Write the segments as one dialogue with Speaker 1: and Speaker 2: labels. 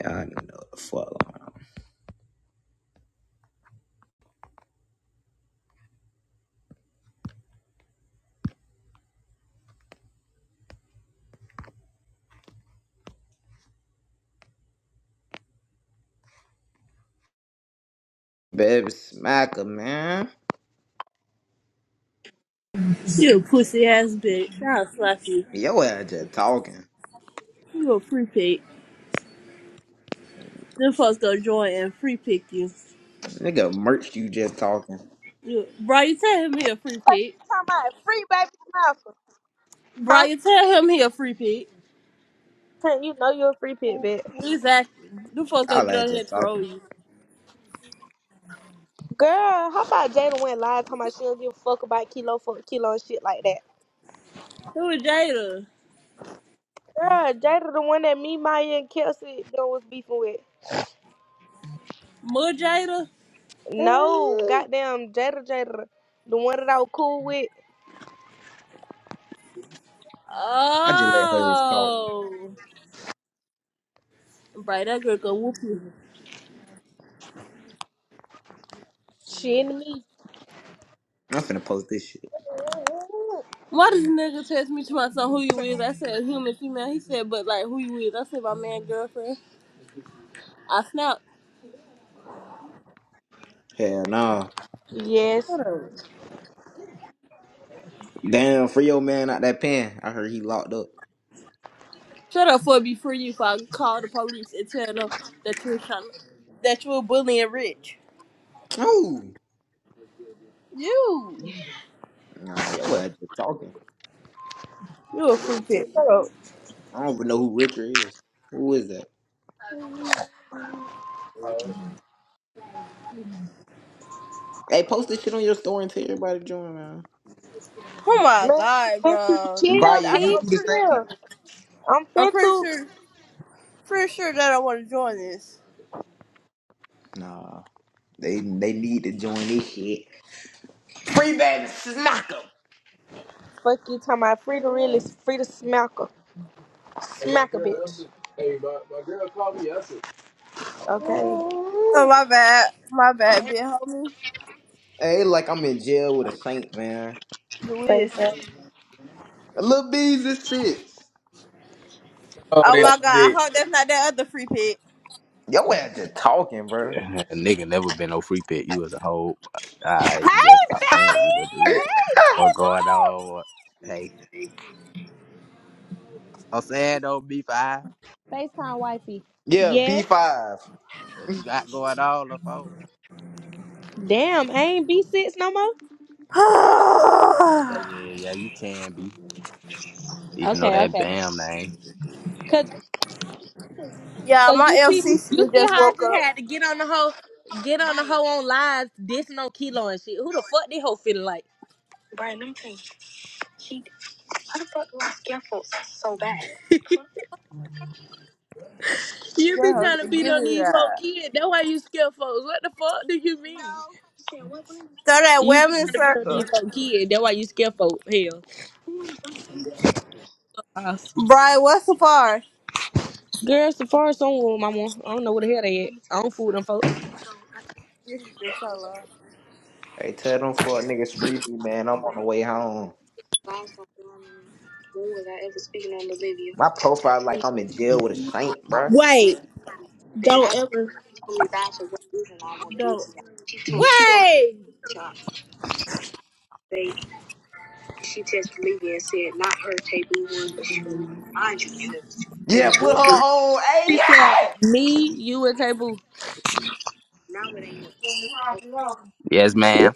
Speaker 1: Yeah, I don't even know what the fuck going on. Baby smacker, man.
Speaker 2: You pussy ass bitch. I'll slap you.
Speaker 1: Yo ass just talking.
Speaker 2: You a free pig. Them folks gonna join and free pick you.
Speaker 1: Nigga merch you just talking.
Speaker 2: you. Bro, you tell him he a free
Speaker 3: Fuck
Speaker 2: pig.
Speaker 3: you talking about free baby Malcolm,
Speaker 2: Bro,
Speaker 3: huh?
Speaker 2: you tell him he a free pig.
Speaker 3: Saying You know you're a free pit bitch.
Speaker 2: Exactly. Them folks gonna
Speaker 1: Y'all
Speaker 2: get
Speaker 1: ass
Speaker 2: on here
Speaker 1: just
Speaker 2: and troll
Speaker 1: talking.
Speaker 2: you.
Speaker 3: Girl, how about Jada went live talking about she don't give a fuck about Kilo for Kilo and shit like that?
Speaker 2: Who is Jada?
Speaker 3: Girl, Jada the one that me, Maya, and Kelsey done was beefing with.
Speaker 2: More Jada?
Speaker 3: No, goddamn Jada Jada. The one that I was cool with.
Speaker 1: I just let hoes talk.
Speaker 2: Oh. Bro, that girl gonna whoop you.
Speaker 3: She and me.
Speaker 1: I'm finna post this shit.
Speaker 2: Why does nigga text me to my son who you is? I said human female. He said, but like who you is? I said my man girlfriend. I snapped.
Speaker 1: Hell nah.
Speaker 3: Yes.
Speaker 1: Damn, free your man out that pen. I heard he locked up.
Speaker 2: Shut up for me before you if I call the police and tell them that you're trying that you're bullying Rich.
Speaker 1: Oh.
Speaker 2: You,
Speaker 1: Nah, yo ass just talking.
Speaker 2: you a freak pit. Shut up.
Speaker 1: I don't even know who Richard is. Who is that? Hey, post this shit on your story and tell everybody to join, man.
Speaker 2: Oh my
Speaker 3: Man,
Speaker 2: god,
Speaker 3: bitch, you
Speaker 2: bro.
Speaker 3: chill,
Speaker 1: Brian,
Speaker 2: I
Speaker 1: you do
Speaker 2: don't-
Speaker 3: P.
Speaker 2: I'm
Speaker 1: the
Speaker 2: pretty sure.
Speaker 1: same.
Speaker 3: Chill. I'm
Speaker 2: I'm
Speaker 3: fit
Speaker 2: pretty
Speaker 3: to.
Speaker 2: sure. Pretty sure that I want to join this.
Speaker 1: Nah. They they need to join this shit. Free baby smacker.
Speaker 3: Fuck you talking about free to really, free to smack her. Smack a bitch. Okay.
Speaker 2: Oh my bad. My bad, big homie.
Speaker 1: Hey, like I'm in jail with a saint, man.
Speaker 2: You is.
Speaker 3: Facetime.
Speaker 1: Lil B's is six.
Speaker 4: Oh,
Speaker 2: Oh
Speaker 4: that
Speaker 2: my god. I
Speaker 4: dick.
Speaker 2: hope that's not that other free pit.
Speaker 1: Yo ass just talking, bro.
Speaker 4: Yeah, nigga never been no free pick. You was a whole. Alright, you better
Speaker 3: Hey,
Speaker 4: stop playing
Speaker 3: fatty.
Speaker 4: with that dude.
Speaker 3: Hey,
Speaker 4: What going on? What, hey, I'm saying don't be five.
Speaker 3: baby. FaceTime wifey.
Speaker 1: Yeah,
Speaker 3: Yeah.
Speaker 1: B5.
Speaker 4: What you got going on, LaFoe?
Speaker 3: Damn, I ain't B6 no more.
Speaker 4: Yeah, yeah, you can be. Even though
Speaker 3: Okay,
Speaker 4: that
Speaker 3: okay.
Speaker 4: bam name.
Speaker 3: Cause,
Speaker 2: yeah,
Speaker 3: Cause
Speaker 2: my
Speaker 3: you see you
Speaker 2: LCC
Speaker 3: see
Speaker 2: just
Speaker 3: how I
Speaker 2: woke
Speaker 3: just
Speaker 2: up.
Speaker 3: had to get on the hoe get on the hoe on live dissing on Kilo and shit. Who the fuck this hoe feeling like? you
Speaker 2: Yeah,
Speaker 3: be
Speaker 2: hold
Speaker 3: trying to
Speaker 2: on.
Speaker 3: beat
Speaker 2: Give me
Speaker 3: on these folk
Speaker 2: that.
Speaker 3: kids. That's why you scare folks. What the fuck do you mean?
Speaker 2: Throw that
Speaker 3: You
Speaker 2: wham
Speaker 3: be
Speaker 2: in the
Speaker 3: trying to beat on
Speaker 2: circle.
Speaker 3: these folk kids. That's why you scare folk. Hell.
Speaker 2: Brian, what's the far?
Speaker 3: Girl, Safari somewhere with my mom. I don't know where the hell they at. I don't fool with them folks.
Speaker 2: Yes, you do, Solo.
Speaker 1: Hey, tell them for niggas free me, man. I'm on the way home. My profile like I'm in jail with a saint, bro.
Speaker 2: Wait, don't ever, don't. Wait,
Speaker 1: Yeah, put her on.
Speaker 3: She
Speaker 1: Hey,
Speaker 3: said, me, you, and Tay
Speaker 4: Yes,
Speaker 1: yeah!
Speaker 4: ma'am.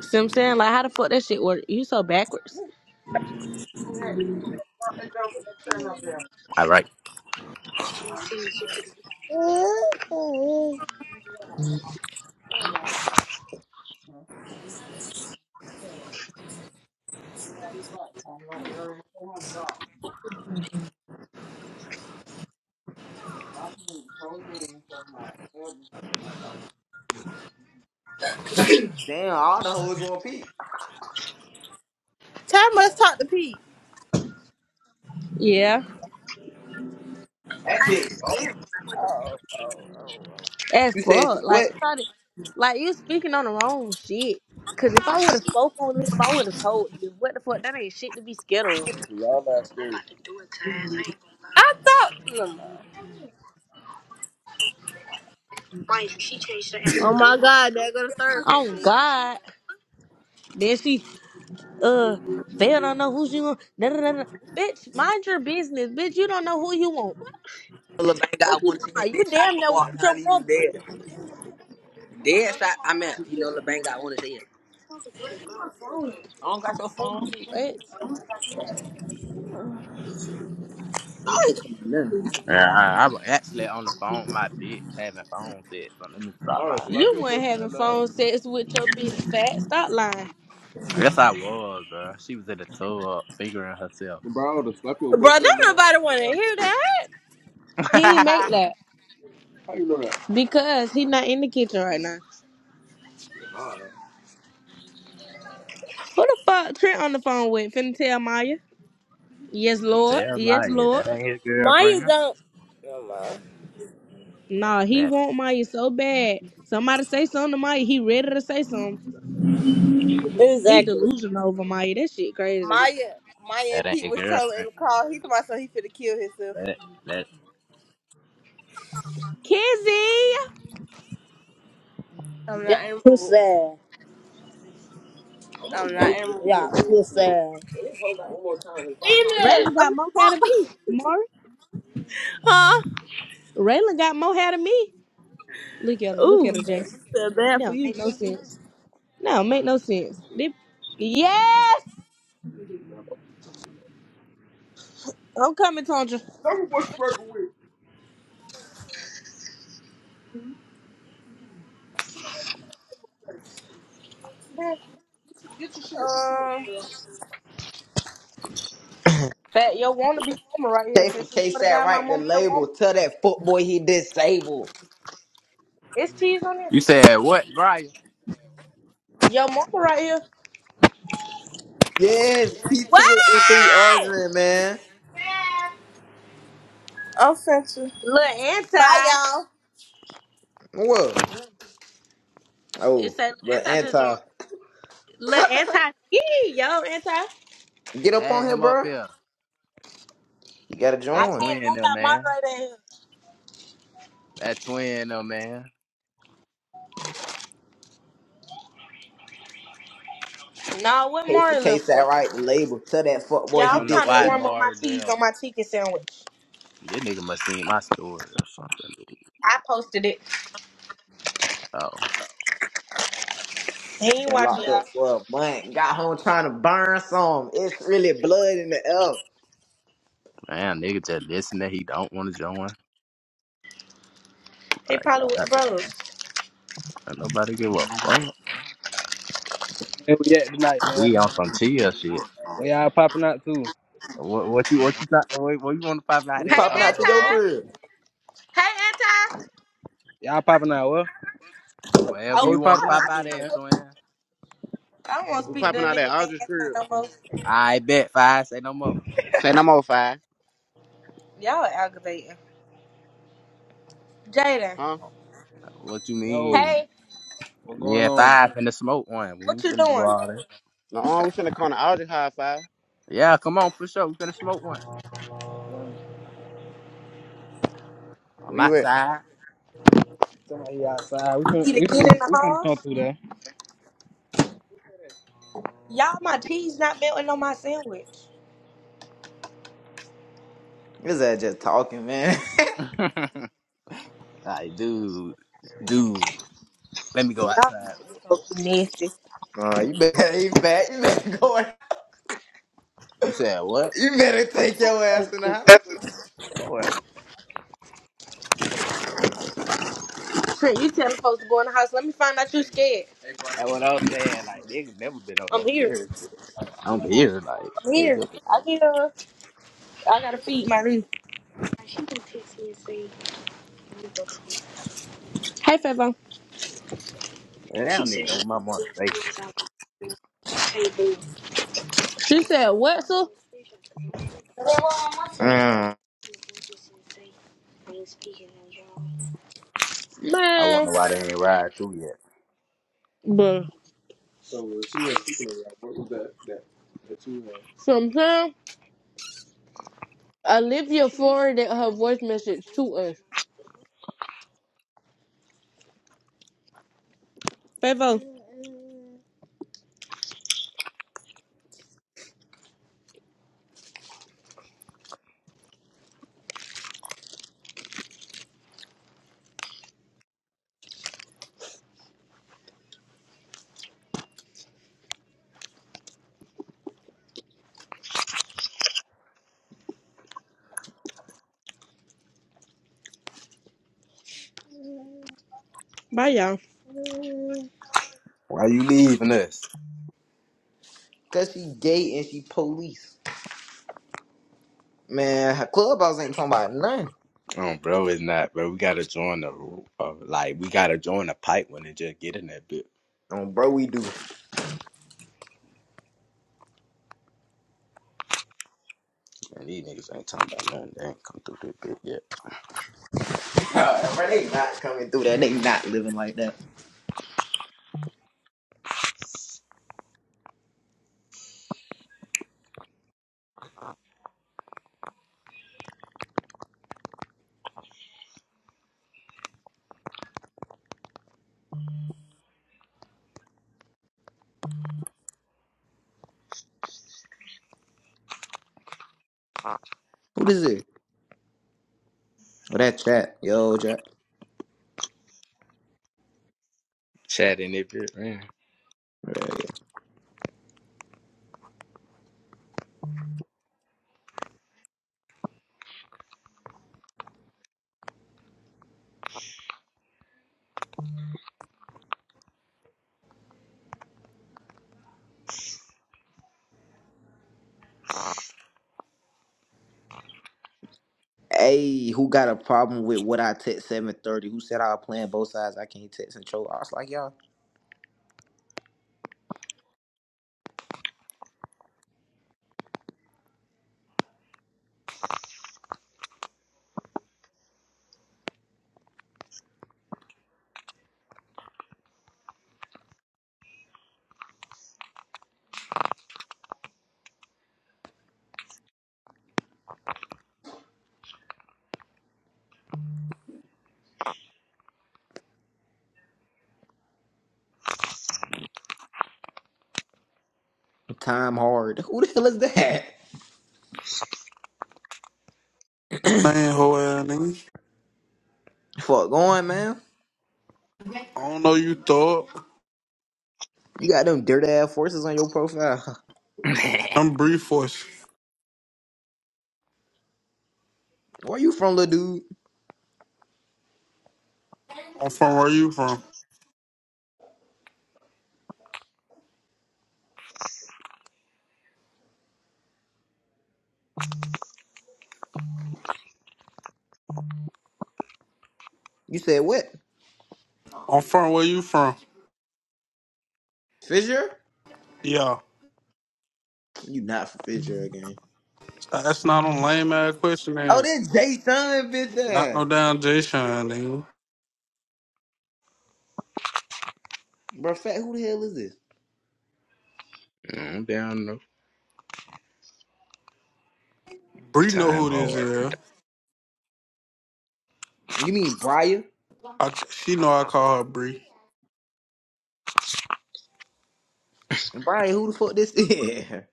Speaker 3: See what I'm saying? Like, how the fuck that shit work? You so backwards.
Speaker 4: All right.
Speaker 1: Damn, all the hoes want peace.
Speaker 2: time must talk to Pete.
Speaker 3: Yeah.
Speaker 4: That bitch gone.
Speaker 3: As
Speaker 1: You said she
Speaker 3: fuck. Like,
Speaker 1: what?
Speaker 3: sorry, like you speaking on the wrong shit. Cause if I would have spoke on him, I would have told you. What the fuck? That ain't shit to be scared of. Y'all not scared.
Speaker 2: I thought. No, no. Oh my God, there go the third free
Speaker 3: Oh
Speaker 2: kick.
Speaker 3: God. Then she uh they don't know who she want. Da, da, da, da. Bitch, mind your business, bitch. You don't know who you want.
Speaker 5: LeBang
Speaker 3: What the fuck
Speaker 5: got
Speaker 3: you
Speaker 5: one to his
Speaker 3: talking
Speaker 5: head,
Speaker 3: about?
Speaker 5: then
Speaker 3: You
Speaker 5: shot
Speaker 3: damn
Speaker 5: gonna
Speaker 3: near
Speaker 5: walk
Speaker 3: want
Speaker 5: down,
Speaker 3: your
Speaker 5: leave him
Speaker 3: brother.
Speaker 5: dead. Dead shot, I meant, you know, LeBang got one to his head. I don't got
Speaker 3: Come
Speaker 5: your
Speaker 3: on, you
Speaker 5: phone.
Speaker 3: what?
Speaker 5: I ain't coming now.
Speaker 4: Yeah, I, I was actually on the phone. with My bitch having phone sex. But let me stop
Speaker 3: All to slap
Speaker 4: lying.
Speaker 3: You your weren't having boyfriend now. phone sex with your big fat. Stop lying.
Speaker 4: Yes, I was, bro. She was in the tub figuring herself.
Speaker 3: Bro, to slap your
Speaker 2: Bro, don't
Speaker 3: boyfriend now.
Speaker 2: nobody want to hear that.
Speaker 3: He ain't make that How you know that? because he not in the kitchen right now. Who the fuck Trent on the phone with? Finna tell Maya? Yes, Lord.
Speaker 4: Tell
Speaker 3: Yes,
Speaker 4: liar,
Speaker 3: Lord.
Speaker 4: that ain't his
Speaker 2: Maya
Speaker 4: girlfriend.
Speaker 2: don't. No, ma.
Speaker 3: Nah, he want Maya so bad. Somebody say something to Maya. He ready to say something. He
Speaker 2: Exactly.
Speaker 3: delusional over Maya. That shit crazy.
Speaker 2: Maya, Maya
Speaker 4: That
Speaker 2: and
Speaker 4: ain't
Speaker 2: Pete
Speaker 4: your
Speaker 2: was trolling in
Speaker 4: girlfriend.
Speaker 2: the car. He told myself he finna kill himself.
Speaker 4: That that
Speaker 3: Kizzy.
Speaker 2: I'm
Speaker 6: Yeah,
Speaker 2: not emerald.
Speaker 6: pussy.
Speaker 2: I'm not
Speaker 6: Yeah,
Speaker 2: emerald.
Speaker 6: pussy.
Speaker 3: Raylan
Speaker 2: I
Speaker 3: got
Speaker 2: mean,
Speaker 3: more hair
Speaker 2: oh,
Speaker 3: than me. Maury.
Speaker 2: Huh?
Speaker 3: Raylan got more hair than me. Look at her. Look at her,
Speaker 2: Ooh,
Speaker 3: Jay.
Speaker 2: feel bad for
Speaker 3: No,
Speaker 2: you.
Speaker 3: make no sense. No, make no sense. They- yes, I'm coming, Tonja.
Speaker 2: Tell me what you working with.
Speaker 3: Get your shit.
Speaker 2: Um,
Speaker 3: Fat, yo, wanna be mama right here.
Speaker 1: K for
Speaker 3: Since you
Speaker 1: K
Speaker 3: swear to
Speaker 1: sat
Speaker 3: God, my
Speaker 1: right the
Speaker 3: mama, your mama.
Speaker 1: label. Tell that footboy he disabled.
Speaker 3: It's cheese on this.
Speaker 4: You said what, Brian?
Speaker 3: Yo, mama right here.
Speaker 1: Yes, P2 and M3
Speaker 2: Wait!
Speaker 1: arguing, man.
Speaker 2: I'll send you.
Speaker 3: Little
Speaker 2: Bye,
Speaker 3: anti.
Speaker 2: y'all.
Speaker 1: Whoa. Oh,
Speaker 3: It's a little
Speaker 1: but
Speaker 3: anti just joined.
Speaker 1: anti.
Speaker 3: Little anti. Yee, yo, anti. I
Speaker 1: Get up on
Speaker 4: Add
Speaker 1: here,
Speaker 4: him up
Speaker 1: bro.
Speaker 4: here.
Speaker 1: You gotta
Speaker 4: That's
Speaker 3: can't.
Speaker 1: join.
Speaker 3: I
Speaker 4: twin
Speaker 3: don't
Speaker 4: though,
Speaker 3: got
Speaker 4: man.
Speaker 3: moderator in
Speaker 4: That twin though, man.
Speaker 3: here. No, what
Speaker 1: Case for
Speaker 3: Mari live
Speaker 1: case,
Speaker 3: for?
Speaker 1: that right? The label. Tell that fuck boy
Speaker 4: I
Speaker 3: Yeah,
Speaker 1: he
Speaker 3: I'm
Speaker 4: don't know
Speaker 3: trying to
Speaker 4: why
Speaker 1: disabled.
Speaker 3: warm up my
Speaker 4: Mars there.
Speaker 3: cheese on my chicken sandwich.
Speaker 4: This nigga must seen my story or something.
Speaker 3: I posted it.
Speaker 4: Oh
Speaker 3: He ain't
Speaker 1: Been
Speaker 3: watching
Speaker 1: locked up
Speaker 3: y'all.
Speaker 1: for a month. Got home trying to burn some. It's really blood in the air.
Speaker 4: man, nigga just listen that he don't want to join.
Speaker 3: He
Speaker 4: Like
Speaker 3: probably with the brothers.
Speaker 4: don't nobody give a fuck.
Speaker 7: Where we at tonight, man?
Speaker 4: We on some chill shit.
Speaker 7: Where y'all popping out to?
Speaker 4: What what you what you thought? What, what you want to pop out
Speaker 1: We
Speaker 3: Hey,
Speaker 4: at
Speaker 1: popping
Speaker 4: on
Speaker 1: out to
Speaker 4: the
Speaker 1: your
Speaker 3: anti.
Speaker 4: phone?
Speaker 1: crib.
Speaker 3: Hey, Anti.
Speaker 7: Y'all popping out what?
Speaker 4: Wherever
Speaker 7: Where
Speaker 3: Oh,
Speaker 7: we
Speaker 4: you want to
Speaker 3: I,
Speaker 7: popping
Speaker 4: pop
Speaker 3: I,
Speaker 7: out to,
Speaker 4: out
Speaker 3: think I'm
Speaker 4: at,
Speaker 7: man?
Speaker 3: gonna-
Speaker 4: twin.
Speaker 3: I am i do not want to
Speaker 7: We
Speaker 3: speak to
Speaker 7: popping
Speaker 3: a
Speaker 7: out at
Speaker 3: nigga named
Speaker 7: Aldridge
Speaker 3: Anti
Speaker 7: crib.
Speaker 3: no more.
Speaker 4: I bet five. Say no more.
Speaker 7: Say no more five,
Speaker 3: Y'all aggravating. Jaden.
Speaker 7: huh?
Speaker 4: What you
Speaker 7: Yo,
Speaker 4: mean?
Speaker 3: Hey,
Speaker 7: what
Speaker 4: Me
Speaker 7: going
Speaker 4: and
Speaker 7: on?
Speaker 4: Five finna smoke one. We
Speaker 3: what
Speaker 4: ain't
Speaker 3: you
Speaker 4: finna do
Speaker 3: doing?
Speaker 4: all that.
Speaker 7: No, uh, we finna come to Aldridge High Five.
Speaker 4: Yeah, come on, push up. We finna smoke one.
Speaker 7: You know what I mean?
Speaker 4: I'm
Speaker 7: Where you at?
Speaker 4: outside.
Speaker 7: Somebody outside. We
Speaker 3: Need
Speaker 7: finna,
Speaker 3: to
Speaker 7: we
Speaker 3: get in
Speaker 7: finna,
Speaker 3: the
Speaker 7: we finna come
Speaker 3: house?
Speaker 7: through there.
Speaker 3: Y'all, my cheese not melting on my sandwich.
Speaker 1: This that just talking, man.
Speaker 4: like, dude, dude, let me go
Speaker 3: Y'all
Speaker 4: outside.
Speaker 3: so nasty.
Speaker 1: Nah, you better eat fat. You better go.
Speaker 4: You said what?
Speaker 1: You better take your
Speaker 3: Thank
Speaker 1: ass in the
Speaker 3: you.
Speaker 1: house.
Speaker 4: Oh, well,
Speaker 3: Shit, you telling folks to go in the house. Let me find out you scared.
Speaker 4: That's what I was saying. Like, niggas never been on
Speaker 3: I'm
Speaker 4: those
Speaker 3: here.
Speaker 4: stairs. I'm here. Like,
Speaker 3: I'm here.
Speaker 4: nigga,
Speaker 3: I get her. I gotta feed my niece. Hey, Favo.
Speaker 4: man, I don't need no my mom say.
Speaker 3: She said, what, so?
Speaker 1: Mm.
Speaker 4: I wonder
Speaker 3: Man.
Speaker 4: why they ain't ride through yet.
Speaker 3: Bruh. So if she wasn't speaking over that, what was that that that you had? Sometimes Olivia forwarded her voice message to us. Favo, bye y'all.
Speaker 4: Why you leaving us?
Speaker 1: Cause she gay and she police. Man, her clubhouse ain't talking about nothing.
Speaker 4: Oh, bro, it's not, bro. We gotta join the, uh, like, we gotta join the pipe when they just get in that bit.
Speaker 1: Oh, bro, we do.
Speaker 4: And these niggas ain't talking about nothing. They ain't come through that bit
Speaker 1: bro, they not coming through that. They not living like that. Who this is? Oh, that chat. Yo, chat.
Speaker 4: chatting if you man.
Speaker 1: Yeah, yeah. Hey, who got a problem with what I text 730? Who said I was playing both sides? I can't text and troll. I was like, y'all, time hard. Who the hell is that?
Speaker 8: Man, whole ass nigga.
Speaker 1: Fuck going, man.
Speaker 8: I don't know you thought.
Speaker 1: You got them dirt ass forces on your profile.
Speaker 8: I'm Bree Force.
Speaker 1: Where you from, little dude?
Speaker 8: I'm from where you from.
Speaker 1: You said what?
Speaker 8: I'm from where you from.
Speaker 1: Fisher?
Speaker 8: Yeah.
Speaker 1: You not from Fisher again.
Speaker 8: That's not on lame ass question,
Speaker 1: Oh,
Speaker 8: man.
Speaker 1: that's Jason, bitch
Speaker 8: Not no
Speaker 1: ass.
Speaker 8: damn Jay Sean, nigga.
Speaker 1: Bro, fat, who the hell is this?
Speaker 4: I'm down no
Speaker 8: Bree know
Speaker 4: time
Speaker 8: who this
Speaker 4: hard.
Speaker 8: is.
Speaker 1: You mean Brian?
Speaker 8: I, she know I call her Bree.
Speaker 1: Brian, who the fuck this is?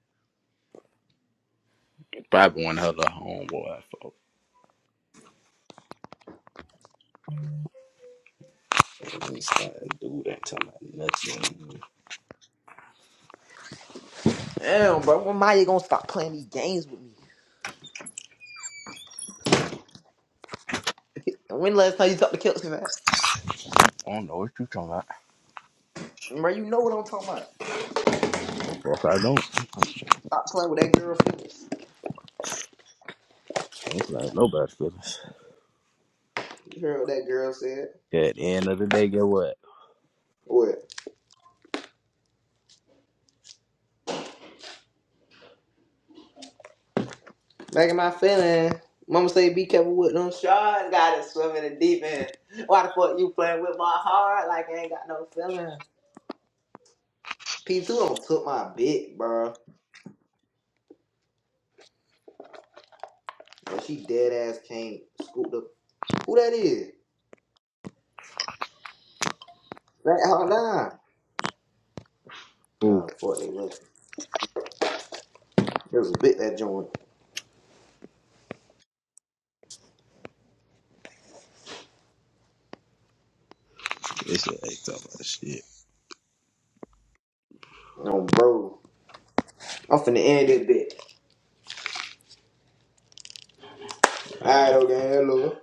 Speaker 4: Probably one of the homeboy folks. And this guy, Dude ain't talking about nothing.
Speaker 1: Damn, bro, when Maya gonna stop playing these games with me? When last time you talked to Kelsey that?
Speaker 4: I don't know what you talking about.
Speaker 1: Bro, you know what I'm talking about.
Speaker 4: No fuck, I don't.
Speaker 1: Stop playing with that girl feelings.
Speaker 4: I don't play with nobody's business.
Speaker 1: You heard what that girl said?
Speaker 4: At the end of the day, get what?
Speaker 1: What? Back in my feeling. Mama say be careful with them sharks. Got it swimming in the deep end.
Speaker 4: It's
Speaker 1: Why the fuck you playing with my heart like I ain't got no feeling? P2 don't took my bit, bro. And she dead ass can't scoop the who that is? That hold on.
Speaker 4: cool.
Speaker 1: Oh fuck they left. There's a bit that joint.
Speaker 4: It's like talking about shit.
Speaker 1: No bro. I'm finna end this bit.
Speaker 4: All right.
Speaker 1: Alright, okay, hello.